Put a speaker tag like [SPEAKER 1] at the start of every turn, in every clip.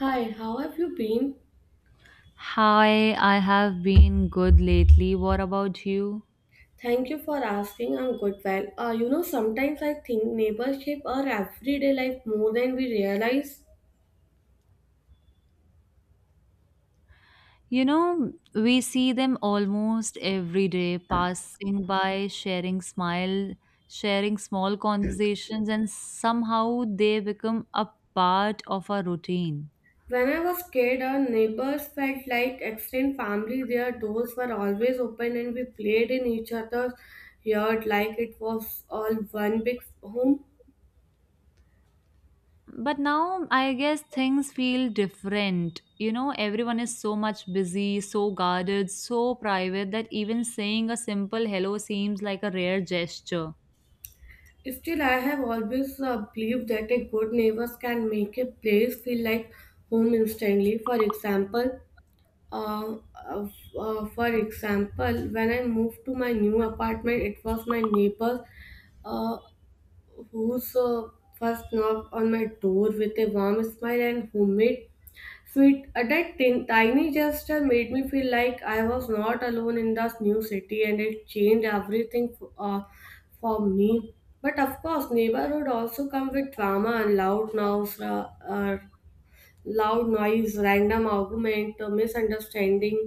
[SPEAKER 1] Hi, how have you been?
[SPEAKER 2] Hi, I have been good lately. What about you?
[SPEAKER 1] Thank you for asking. I'm good. Sometimes I think neighbors shape our everyday life more than we realize.
[SPEAKER 2] You know, we see them almost every day passing by, sharing smile, sharing small conversations, and somehow they become a part of our routine.
[SPEAKER 1] When I was kid, our neighbors felt like extended family. Their doors were always open, and we played in each other's yard like it was all one big home.
[SPEAKER 2] But now I guess things feel different. You know, everyone is so much busy, so guarded, so private that even saying a simple hello seems like a rare gesture.
[SPEAKER 1] Still, I have always believed that a good neighbors can make a place feel like home instantly. Uh, uh, for example, when I moved to my new apartment, it was my neighbor uh, who's first knocked on my door with a warm smile and homemade sweet. That tiny gesture made me feel like I was not alone in this new city, and it changed everything for me. But of course, neighborhood also come with drama and loud noise, random argument,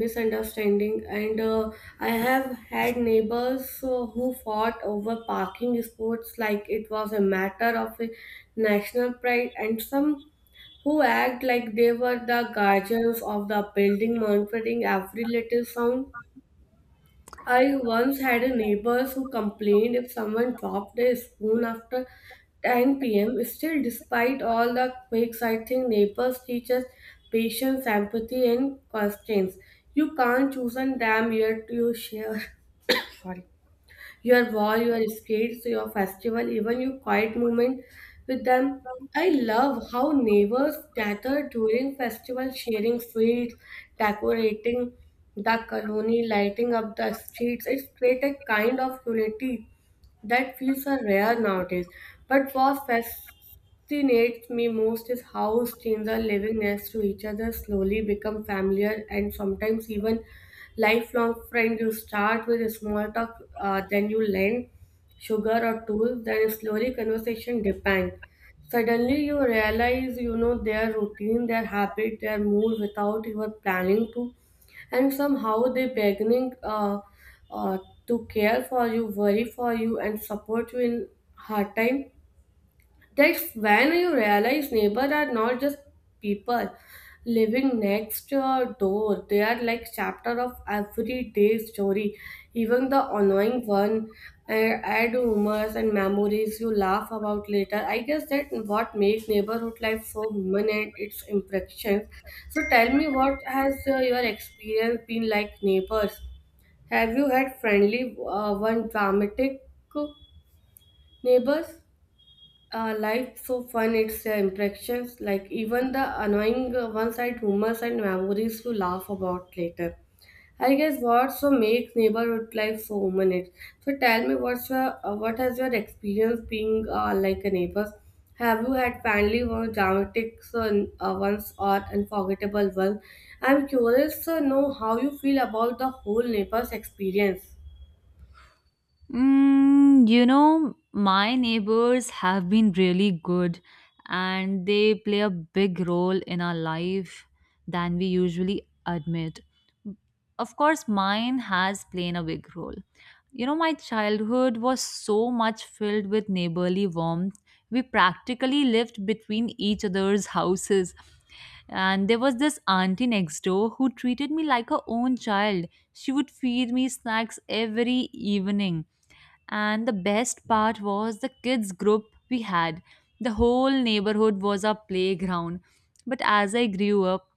[SPEAKER 1] misunderstanding and I have had neighbors who fought over parking sports like it was a matter of a national pride and some who act like they were the guardians of the building monitoring every little sound. I once had a neighbor who complained if someone dropped a spoon after 10 p.m. Still, despite all the quakes, I think neighbors teach us patience, empathy, and constraints. You can't choose a damn year to share your war, your skates, your festival, even your quiet moment with them. I love how neighbors gather during festival, sharing sweets, decorating the colony, lighting up the streets. It's create a kind of unity that feels are rare nowadays. But what fascinates me most is how strangers living next to each other, slowly become familiar, and sometimes even lifelong friends. You start with a small talk, then you lend sugar or tools, then slowly conversation depend. Suddenly you realize you know their routine, their habit, their mood without even planning to, and somehow they beginning uh, to care for you, worry for you, and support you in hard time. That's when you realize neighbors are not just people living next your door. They are like chapter of everyday story, even the annoying one. And add rumors and memories you laugh about later. I guess that what makes neighborhood life so human and its impressions. So tell me, what has your experience been like neighbors? Have you had friendly one dramatic neighbors? Life so fun it's impressions like even the annoying ones side rumors and memories you laugh about later. I guess what so makes neighborhood life so human it. So tell me what has your experience being like a neighbor. Have you had family or dramatic ones or unforgettable one? I'm curious to know how you feel about the whole neighbor's experience.
[SPEAKER 2] Mm, you know, my neighbors have been really good and they play a big role in our life than we usually admit. Of course, mine has played a big role. You know, my childhood was so much filled with neighborly warmth. We practically lived between each other's houses. And there was this auntie next door who treated me like her own child. She would feed me snacks every evening and the best part was the kids' group we had. The whole neighborhood was our playground. But as I grew up,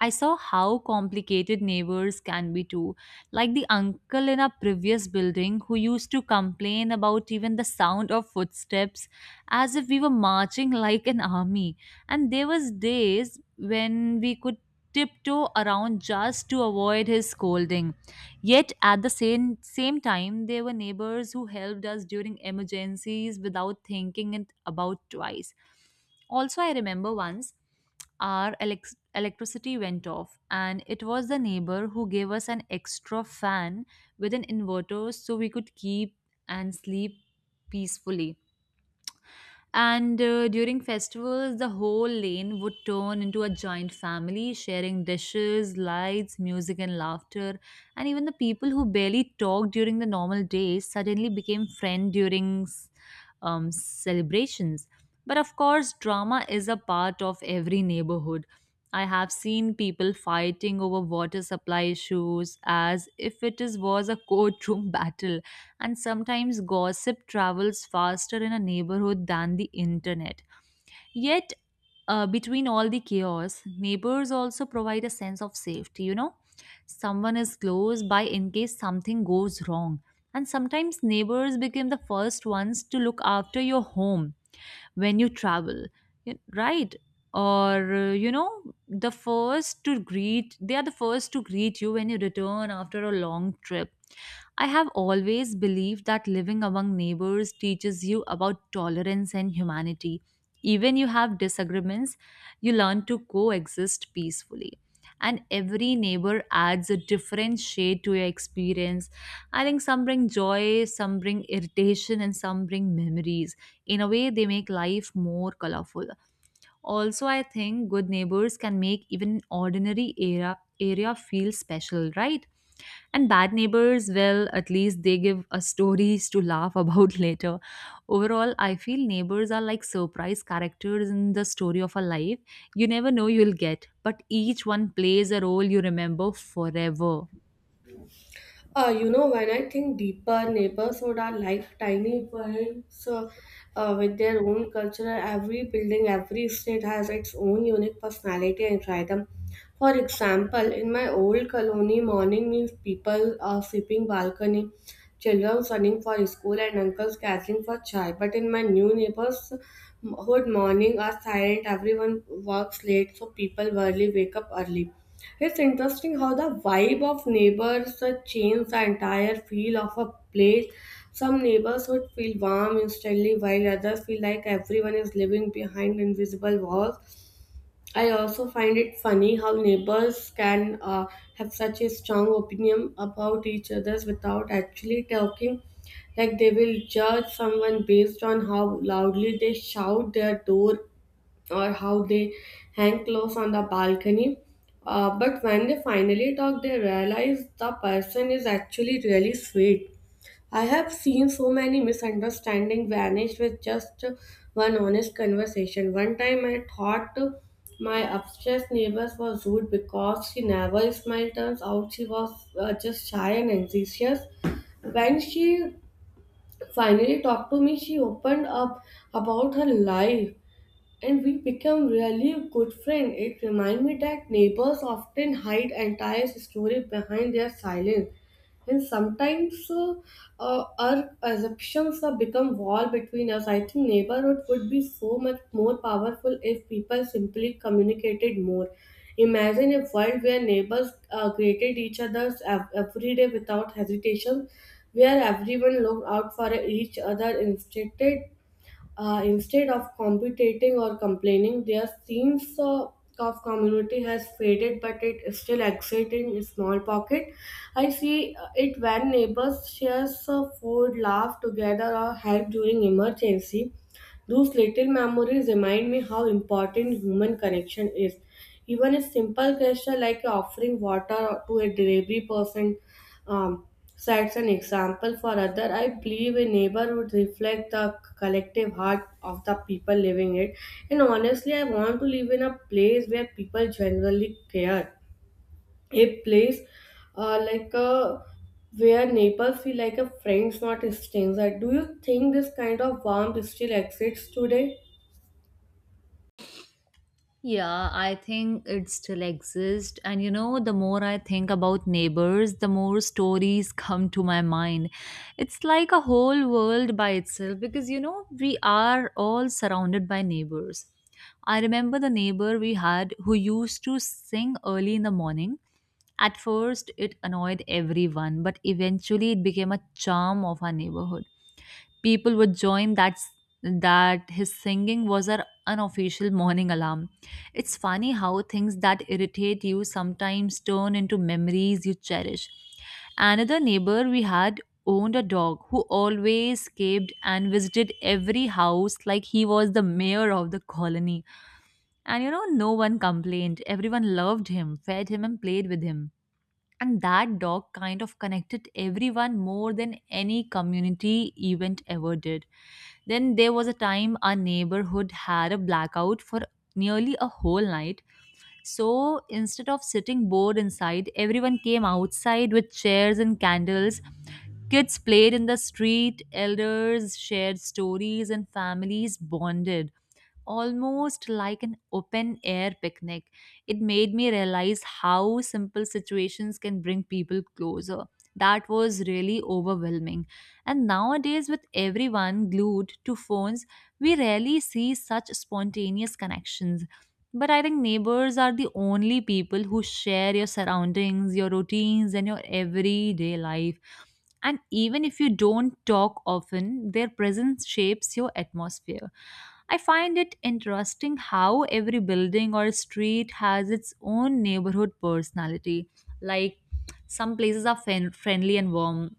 [SPEAKER 2] I saw how complicated neighbors can be too, like the uncle in our previous building who used to complain about even the sound of footsteps as if we were marching like an army. And there was days when we could tiptoe around just to avoid his scolding. Yet at the same time there were neighbors who helped us during emergencies without thinking it about twice. Also, I remember once our electricity went off, and it was the neighbor who gave us an extra fan with an inverter so we could keep and sleep peacefully. And during festivals, the whole lane would turn into a giant family, sharing dishes, lights, music, and laughter. And even the people who barely talked during the normal days suddenly became friends during celebrations. But of course, drama is a part of every neighborhood. I have seen people fighting over water supply issues as if it is, was a courtroom battle, and sometimes gossip travels faster in a neighborhood than the internet. Yet, between all the chaos, neighbors also provide a sense of safety, you know? Someone is close by in case something goes wrong. And sometimes neighbors become the first ones to look after your home when you travel, right, or you know, they are the first to greet you when you return after a long trip. I have always believed that living among neighbors teaches you about tolerance and humanity. Even you have disagreements, you learn to coexist peacefully, and every neighbor adds a different shade to your experience. I think some bring joy, some bring irritation, and some bring memories. In a way, they make life more colorful. Also, I think good neighbors can make even ordinary area feel special, right? And bad neighbors, well, at least they give us stories to laugh about later. Overall, I feel neighbors are like surprise characters in the story of a life. You never know you'll get, but each one plays a role you remember forever.
[SPEAKER 1] When I think deeper, neighborhood are like tiny worlds with their own culture. Every building, every street has its own unique personality and rhythm. For example, in my old colony, morning means people are sweeping balcony, children running for school, and uncles gathering for chai. But in my new neighborhood, morning are silent. Everyone works late, so people rarely wake up early. It's interesting how the vibe of neighbors change the entire feel of a place. Some neighbors would feel warm instantly, while others feel like everyone is living behind invisible walls. I also find it funny how neighbors can have such a strong opinion about each other's without actually talking. Like they will judge someone based on how loudly they shout their door or how they hang clothes on the balcony. But when they finally talk, they realize the person is actually really sweet. I have seen so many misunderstandings vanish with just one honest conversation. One time I thought my upstairs neighbor was rude because she never smiled. Turns out she was just shy and anxious. When she finally talked to me, she opened up about her life and we become really good friends. It reminds me that neighbors often hide entire story behind their silence, and sometimes our assumptions have become wall between us. I think neighborhood would be so much more powerful if people simply communicated more. Imagine a world where neighbors greeted each other every day without hesitation, where everyone looked out for each other instead of competing or complaining, their sense of community has faded, but it still exists in a small pocket. I see it when neighbors share food, laugh together, or help during emergency. Those little memories remind me how important human connection is. Even a simple gesture like offering water to a delivery person um, sets an example for other. I believe a neighborhood reflect the collective heart of the people living it, and honestly I want to live in a place where people generally care, a place like a where neighbors feel like a friends, not a stranger. Do you think this kind of warmth still exists today?
[SPEAKER 2] Yeah, I think it still exists. And you know, the more I think about neighbors, the more stories come to my mind. It's like a whole world by itself because, you know, we are all surrounded by neighbors. I remember the neighbor we had who used to sing early in the morning. At first, it annoyed everyone, but eventually, it became a charm of our neighborhood. People would join that his singing was our unofficial morning alarm. It's funny how things that irritate you sometimes turn into memories you cherish. Another neighbor we had owned a dog who always escaped and visited every house like he was the mayor of the colony. And you know, no one complained. Everyone loved him, fed him, and played with him. And that dog kind of connected everyone more than any community event ever did. Then there was a time our neighborhood had a blackout for nearly a whole night. So instead of sitting bored inside, everyone came outside with chairs and candles. Kids played in the street, elders shared stories, and families bonded almost like an open air picnic. It made me realize how simple situations can bring people closer. That was really overwhelming. And nowadays, with everyone glued to phones, we rarely see such spontaneous connections. But I think neighbors are the only people who share your surroundings, your routines, and your everyday life. And even if you don't talk often, their presence shapes your atmosphere. I find it interesting how every building or street has its own neighborhood personality. Like, some places are friendly and warm,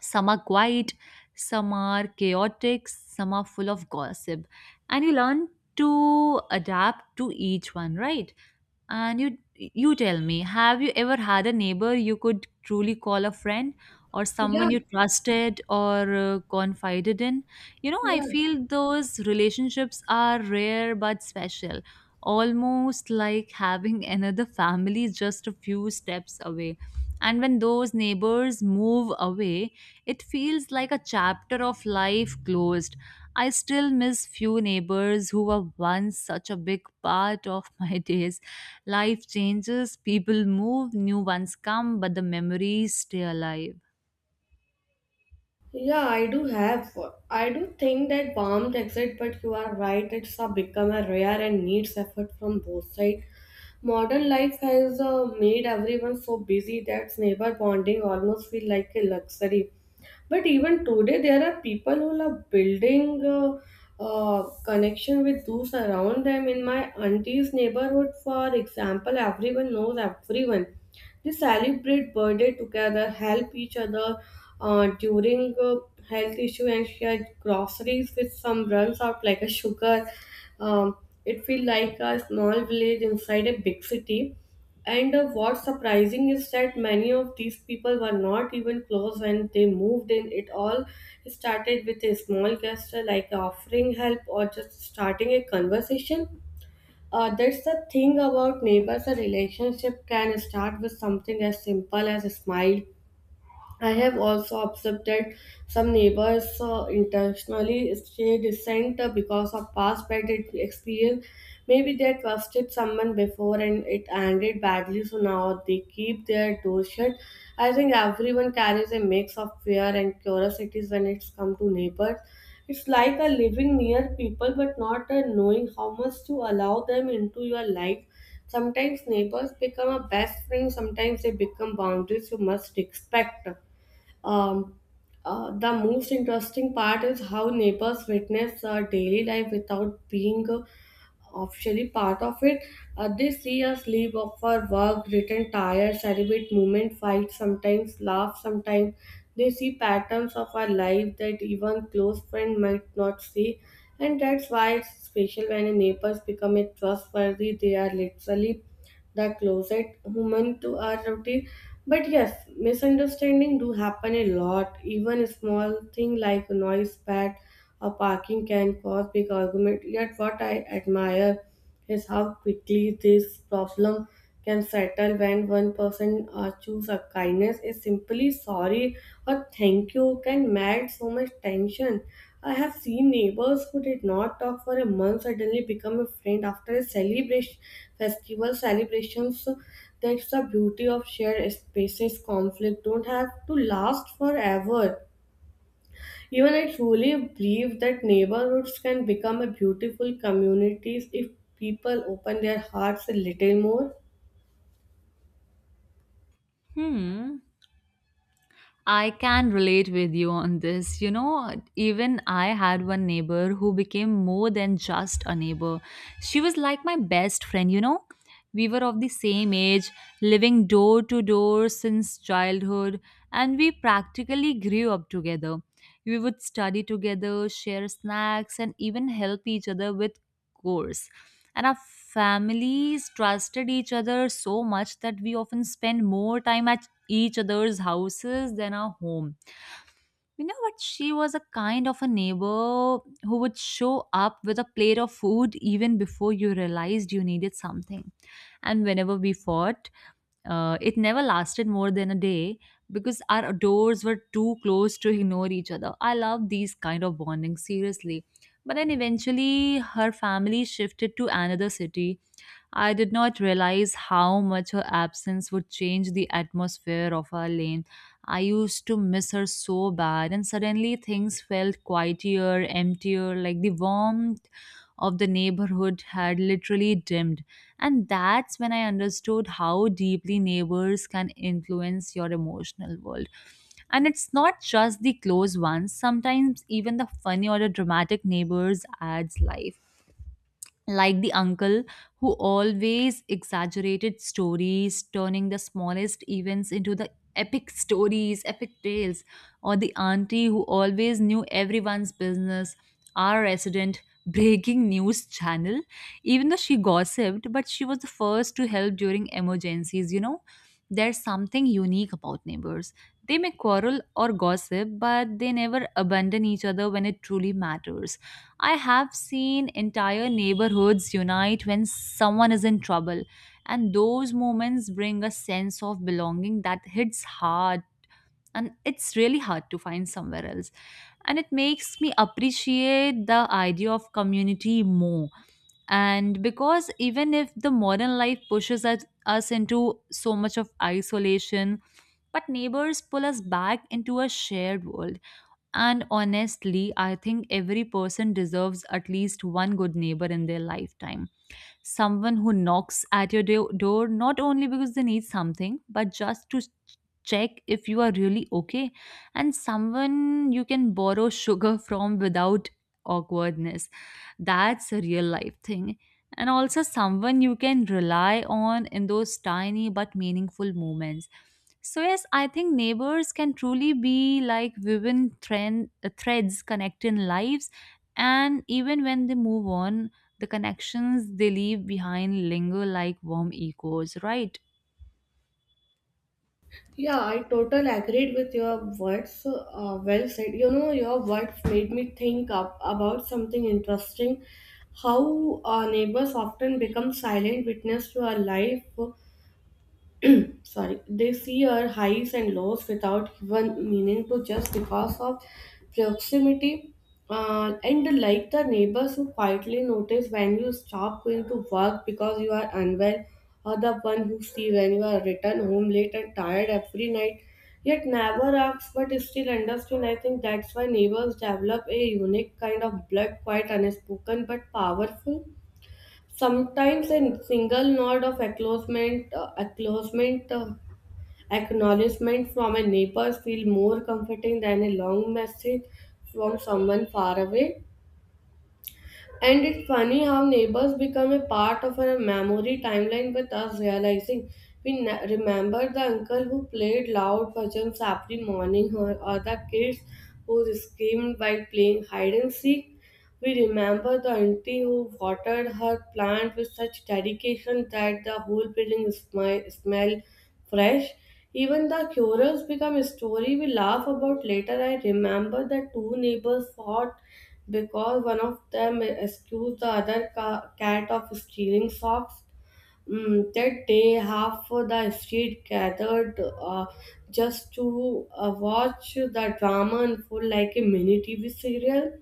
[SPEAKER 2] some are quiet, some are chaotic, some are full of gossip. And you learn to adapt to each one, right? And you tell me, have you ever had a neighbor you could truly call a friend, or someone
[SPEAKER 1] Yeah.
[SPEAKER 2] you trusted or confided in? You know, I
[SPEAKER 1] Yeah.
[SPEAKER 2] feel those relationships are rare but special, almost like having another family just a few steps away. And when those neighbors move away, it feels like a chapter of life closed. I still miss few neighbors who were once such a big part of my days. Life changes, people move, new ones come, but the memories stay alive.
[SPEAKER 1] Yeah, I do have. I do think that warmth exists, but you are right, it's a become a rare and needs effort from both sides. Modern life has made everyone so busy that neighbor bonding almost feel like a luxury. But even today, there are people who are building connection with those around them. In my auntie's neighborhood, for example, everyone knows everyone. They celebrate birthday together, help each other during health issue, and share groceries with some runs out like a sugar. Um, it feels like a small village inside a big city. And what's surprising is that many of these people were not even close when they moved in. It all started with a small gesture like offering help or just starting a conversation. That's the thing about neighbors. A relationship can start with something as simple as a smile. I have also observed that some neighbors intentionally stay distant because of past bad experience. Maybe they trusted someone before and it ended badly, so now they keep their door shut. I think everyone carries a mix of fear and curiosities when it's come to neighbors. It's like a living near people but not a knowing how much to allow them into your life. Sometimes neighbors become a best friend, sometimes they become boundaries you must respect. Um, the most interesting part is how neighbors witness daily life without being officially part of it. They see us leave of for work, return tired, celebrate moment, fight sometimes, laugh sometimes. They see patterns of our life that even close friend might not see, and that's why it's special when a neighbors become a trustworthy. They are literally that closet human to our routine. But yes, misunderstanding do happen a lot. Even a small thing like a noise pad or parking can cause big argument. Yet what I admire is how quickly this problem can settle when one person choose a kindness is simply sorry or thank you can melt so much tension. I have seen neighbors who did not talk for a month suddenly become a friend after a celebration, festival celebrations. That's the beauty of shared spaces, conflict don't have to last forever. Even I truly believe that neighborhoods can become a beautiful communities if people open their hearts a little more.
[SPEAKER 2] Hmm. I can relate with you on this. You know, even I had one neighbor who became more than just a neighbor. She was like my best friend, you know. We were of the same age, living door to door since childhood, and we practically grew up together. We would study together, share snacks, and even help each other with chores. And our families trusted each other so much that we often spend more time at each other's houses than our home. You know what? She was a kind of a neighbor who would show up with a plate of food even before you realized you needed something. And whenever we fought, it never lasted more than a day because our doors were too close to ignore each other. I love these kind of bonding, seriously. But then eventually, her family shifted to another city. I did not realize how much her absence would change the atmosphere of our lane. I used to miss her so bad, and suddenly things felt quieter, emptier, like the warmth of the neighborhood had literally dimmed. And that's when I understood how deeply neighbors can influence your emotional world. And it's not just the close ones, sometimes even the funny or the dramatic neighbors adds life, like the uncle who always exaggerated stories, turning the smallest events into the epic tales, or the auntie who always knew everyone's business, our resident breaking news channel. Even though she gossiped, but she was the first to help during emergencies, you know. There's something unique about neighbors. They may quarrel or gossip, but they never abandon each other when it truly matters. I have seen entire neighborhoods unite when someone is in trouble, and those moments bring a sense of belonging that hits hard, and it's really hard to find somewhere else. And it makes me appreciate the idea of community more. And because even if the modern life pushes us into so much of isolation, but neighbors pull us back into a shared world. And honestly, I think every person deserves at least one good neighbor in their lifetime. Someone who knocks at your door not only because they need something, but just to check if you are really okay, and someone you can borrow sugar from without awkwardness. That's a real life thing. And also, someone you can rely on in those tiny but meaningful moments. So, yes, I think neighbors can truly be like threads connecting lives. And even when they move on, the connections they leave behind linger like warm echoes, right?
[SPEAKER 1] Yeah, I totally agreed with your words. Well said. You know, your words made me think up about something interesting. How our neighbors often become silent witness to our life, sorry, they see our highs and lows without even meaning to just because of proximity, and like the neighbors who quietly notice when you stop going to work because you are unwell, or the one who see when you are return home late and tired every night, yet never asks but is still understood. I think that's why neighbors develop a unique kind of blood, quite unspoken but powerful. Sometimes a single nod of acknowledgement from a neighbor feels more comforting than a long message from someone far away. And it's funny how neighbors become a part of our memory timeline. With us realizing, we remember the uncle who played loud bhajans every morning, or the kids who screamed while playing hide and seek. We remember the auntie who watered her plant with such dedication that the whole building smelled fresh. Even the quarrels become a story we laugh about later. I remember the two neighbors fought because one of them accused the other cat of stealing socks. That day, half of the street gathered just to watch the drama unfold like a mini TV serial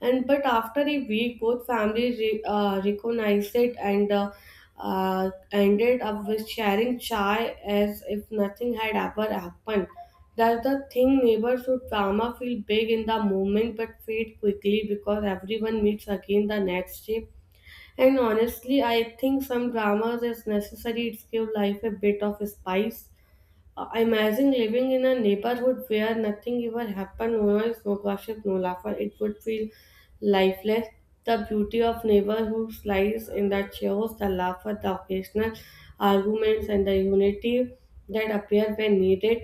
[SPEAKER 1] and but after a week both families recognized it and ended up with sharing chai as if nothing had ever happened. That's the thing, neighborhood drama feel big in the moment but fade quickly because everyone meets again the next day. And honestly I think some dramas is necessary, it give life a bit of spice. Imagine living in a neighborhood where nothing ever happened, no noise, no gossip, no laughter. It would feel lifeless. The beauty of neighborhoods lies in the chaos, the laughter, the occasional arguments, and the unity that appear when needed.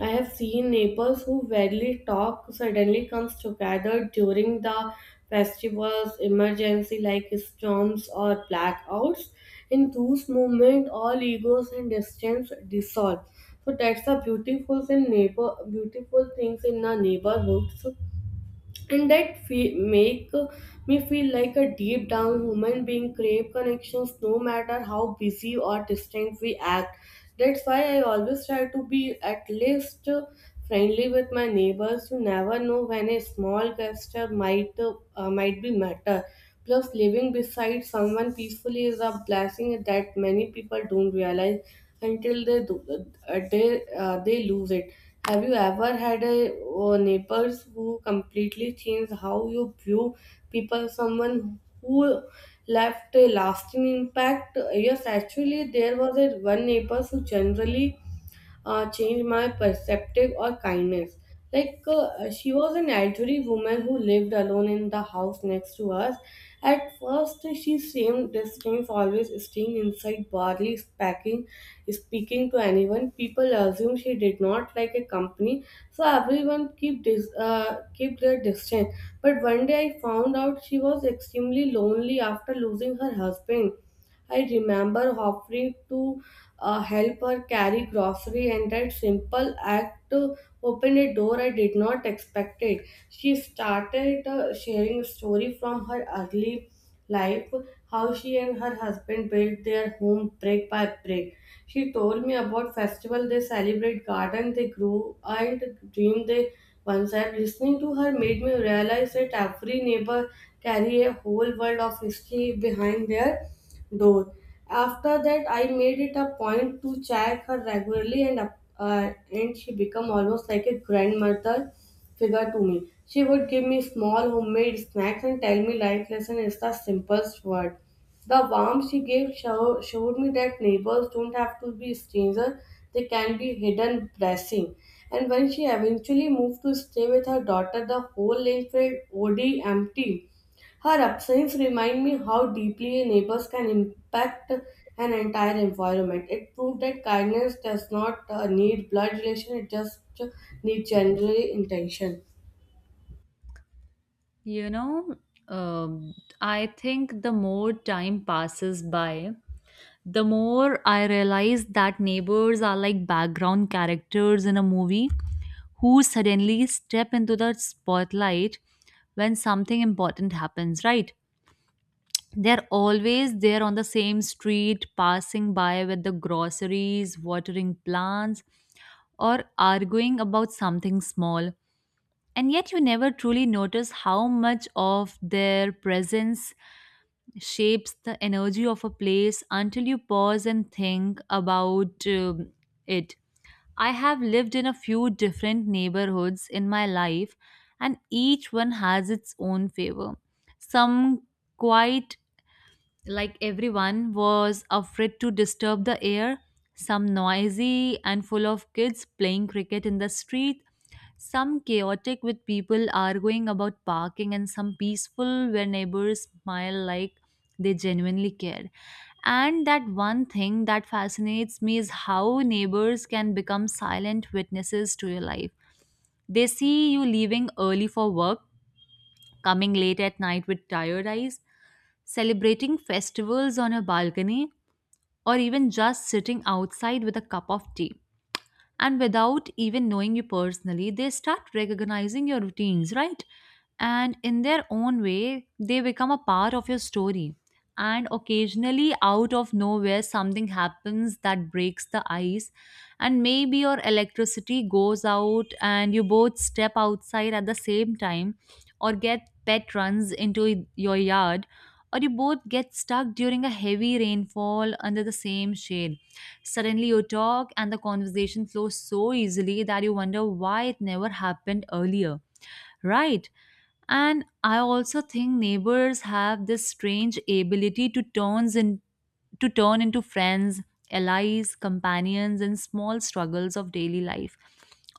[SPEAKER 1] I have seen Naples who rarely talk suddenly comes together during the festivals, emergency like storms or blackouts. In those moments, all egos and distance dissolve. So that's the beautiful thing, neighbor, beautiful things in the neighborhood. So, and make me feel like a deep down human being crave connections no matter how busy or distant we act. That's why I always try to be at least friendly with my neighbors. You never know when a small gesture might be matter. Plus, living beside someone peacefully is a blessing that many people don't realize until they do, they lose it. Have you ever had a neighbors who completely changed how you view people? Someone who left a lasting impact. Yes, actually, there was a one neighbor who generally changed my perspective or kindness. She was an elderly woman who lived alone in the house next to us. At first, she seemed distant, always staying inside, barely speaking, speaking to anyone. People assumed she did not like a company, so everyone keep their distance. But one day, I found out she was extremely lonely after losing her husband. I remember offering to help her carry grocery, and that simple act opened a door I did not expect it. She started sharing a story from her early life, how she and her husband built their home brick by brick. She told me about festival they celebrate, garden they grew, and dream they once had. Listening to her made me realize that every neighbor carry a whole world of history behind their door. After that, I made it a point to check her regularly, and and she became almost like a grandmother figure to me. She would give me small homemade snacks and tell me life lesson is the simplest word. The warmth she showed me that neighbors don't have to be strangers; they can be hidden blessing. And when she eventually moved to stay with her daughter, the whole lane felt oddly empty. Her upsides remind me how deeply neighbors can impact an entire environment. It proved that kindness does not need blood relation, it just needs general intention.
[SPEAKER 2] You know, um, I think the more time passes by, the more I realize that neighbors are like background characters in a movie who suddenly step into the spotlight when something important happens, right? They're always there on the same street, passing by with the groceries, watering plants, or arguing about something small. And yet, you never truly notice how much of their presence shapes the energy of a place until you pause and think about it. I have lived in a few different neighborhoods in my life, and each one has its own favor. Some quite, like everyone was afraid to disturb the air, some noisy and full of kids playing cricket in the street. Some chaotic with people arguing about parking, and some peaceful where neighbors smile like they genuinely care. And that one thing that fascinates me is how neighbors can become silent witnesses to your life. They see you leaving early for work, coming late at night with tired eyes, celebrating festivals on a balcony, or even just sitting outside with a cup of tea. And without even knowing you personally, they start recognizing your routines, right? And in their own way they become a part of your story. And occasionally, out of nowhere, something happens that breaks the ice. And maybe your electricity goes out and you both step outside at the same time, or get pet runs into your yard, or you both get stuck during a heavy rainfall under the same shade. Suddenly you talk and the conversation flows so easily that you wonder why it never happened earlier, right? And I also think neighbors have this strange ability to turn into friends, allies, companions in small struggles of daily life.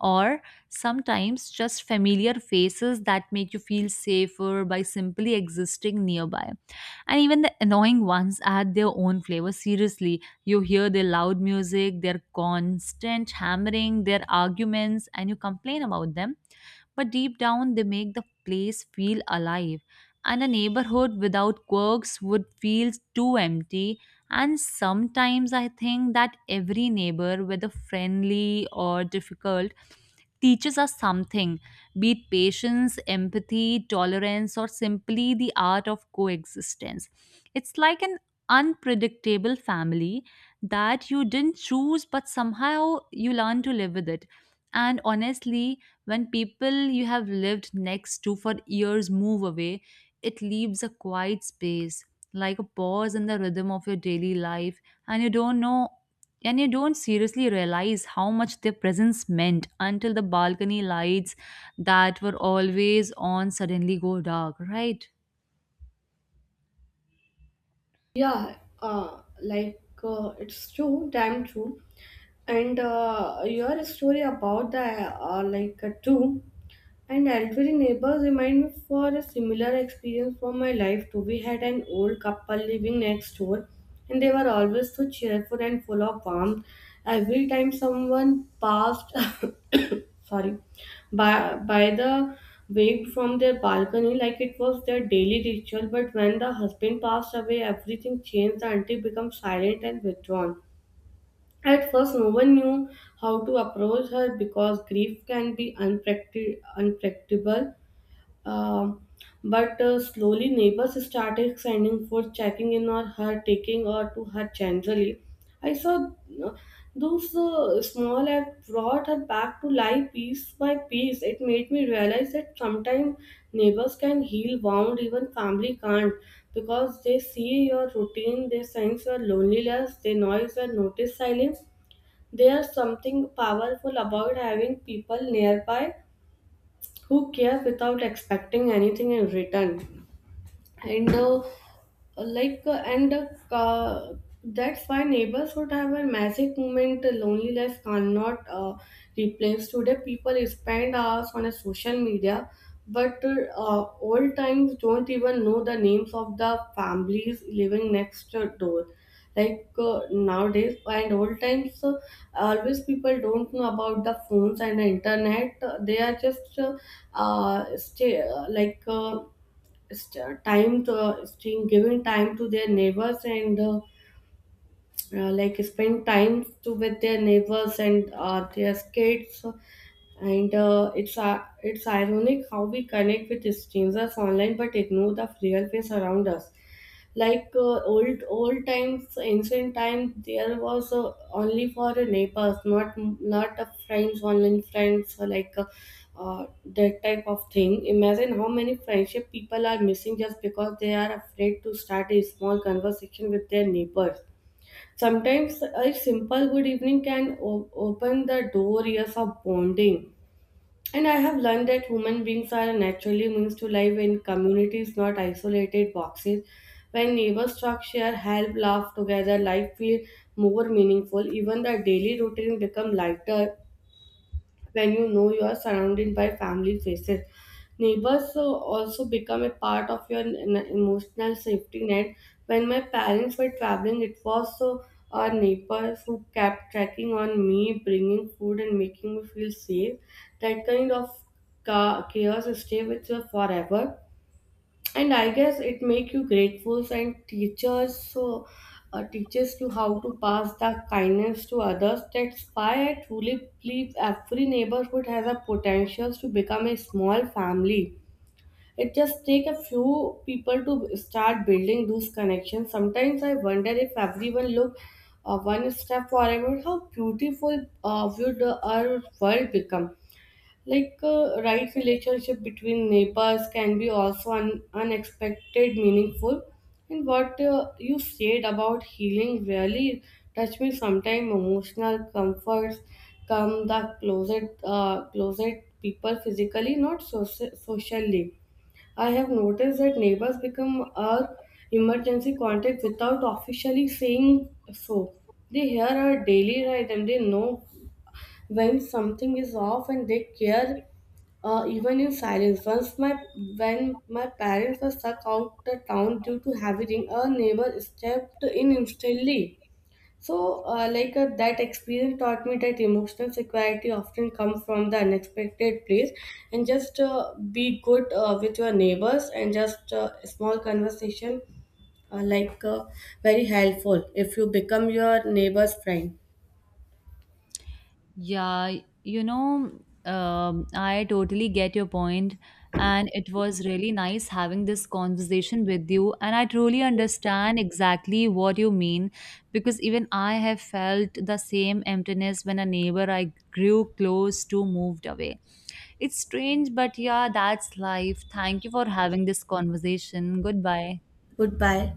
[SPEAKER 2] Or sometimes just familiar faces that make you feel safer by simply existing nearby. And even the annoying ones add their own flavor. Seriously, you hear their loud music, their constant hammering, their arguments, and you complain about them. But deep down, they make the place feel alive. And a neighborhood without quirks would feel too empty. And sometimes I think that every neighbor, whether friendly or difficult, teaches us something, be it patience, empathy, tolerance, or simply the art of coexistence. It's like an unpredictable family that you didn't choose, but somehow you learn to live with it. And honestly, when people you have lived next to for years move away, it leaves a quiet space, like a pause in the rhythm of your daily life, and you don't seriously realize how much their presence meant until the balcony lights that were always on suddenly go dark, right?
[SPEAKER 1] Yeah, it's true, damn true. And your story about the too. And elderly neighbors remind me for a similar experience from my life too. We had an old couple living next door, and they were always so cheerful and full of warmth. Every time someone passed, sorry, by the waved from their balcony like it was their daily ritual. But when the husband passed away, everything changed. The auntie became silent and withdrawn. At first, no one knew how to approach her because grief can be unpredictable. Um, but uh, slowly neighbors started sending food, checking in on her, taking her to her generally. I saw uh, those small acts brought her back to life piece by piece. It made me realize that sometimes neighbors can heal wound, even family can't, because they see your routine, they sense your loneliness, they noise and notice silence. There's something powerful about having people nearby who cares without expecting anything in return. And uh, and uh, that's why neighborhood have a magic moment loneliness cannot replace. Today people spend hours on a social media, but old times don't even know the names of the families living next door. Nowadays and old times always, people don't know about the phones and the internet, they are just stay, like st- time to, staying- giving time to their neighbors and spend time to with their neighbors and their kids, and it's ironic how we connect with strangers online but ignore the real face around us. Old times, ancient times, there was only for the neighbors, not the friends online, friends or that type of thing. Imagine how many friendship people are missing just because they are afraid to start a small conversation with their neighbors. Sometimes a simple good evening can open the door years of bonding. And I have learned that human beings are naturally means to live in communities, not isolated boxes. When neighbors talk, share, help, laugh together, life feels more meaningful. Even the daily routine become lighter when you know you are surrounded by family faces. Neighbors also become a part of your emotional safety net. When my parents were traveling, it was so our neighbors who kept checking on me, bringing food and making me feel safe. That kind of chaos stay with you forever, and I guess it make you grateful and teachers so teaches you how to pass the kindness to others. That's why I truly believe every neighborhood has a potential to become a small family. It just take a few people to start building those connections. Sometimes I wonder if everyone look one step forward, how beautiful would our world become. Right, relationship between neighbors can be also unexpected, meaningful. And what you said about healing really touched me. Sometimes emotional comforts closet people physically, not socially. I have noticed that neighbors become our emergency contact without officially saying so. They hear our daily rhythm. They know when something is off and they care, even in silence. Once my When my parents were stuck out the town due to heavy rain, a neighbor stepped in instantly. So, that experience taught me that emotional security often comes from the unexpected place, and just be good with your neighbors, and just small conversation, uh, like uh, very helpful if you become your neighbor's friend.
[SPEAKER 2] Yeah, you know, I totally get your point, and it was really nice having this conversation with you. And I truly understand exactly what you mean because even I have felt the same emptiness when a neighbor I grew close to moved away. It's strange, but yeah, that's life. Thank you for having this conversation. Goodbye.
[SPEAKER 1] Goodbye.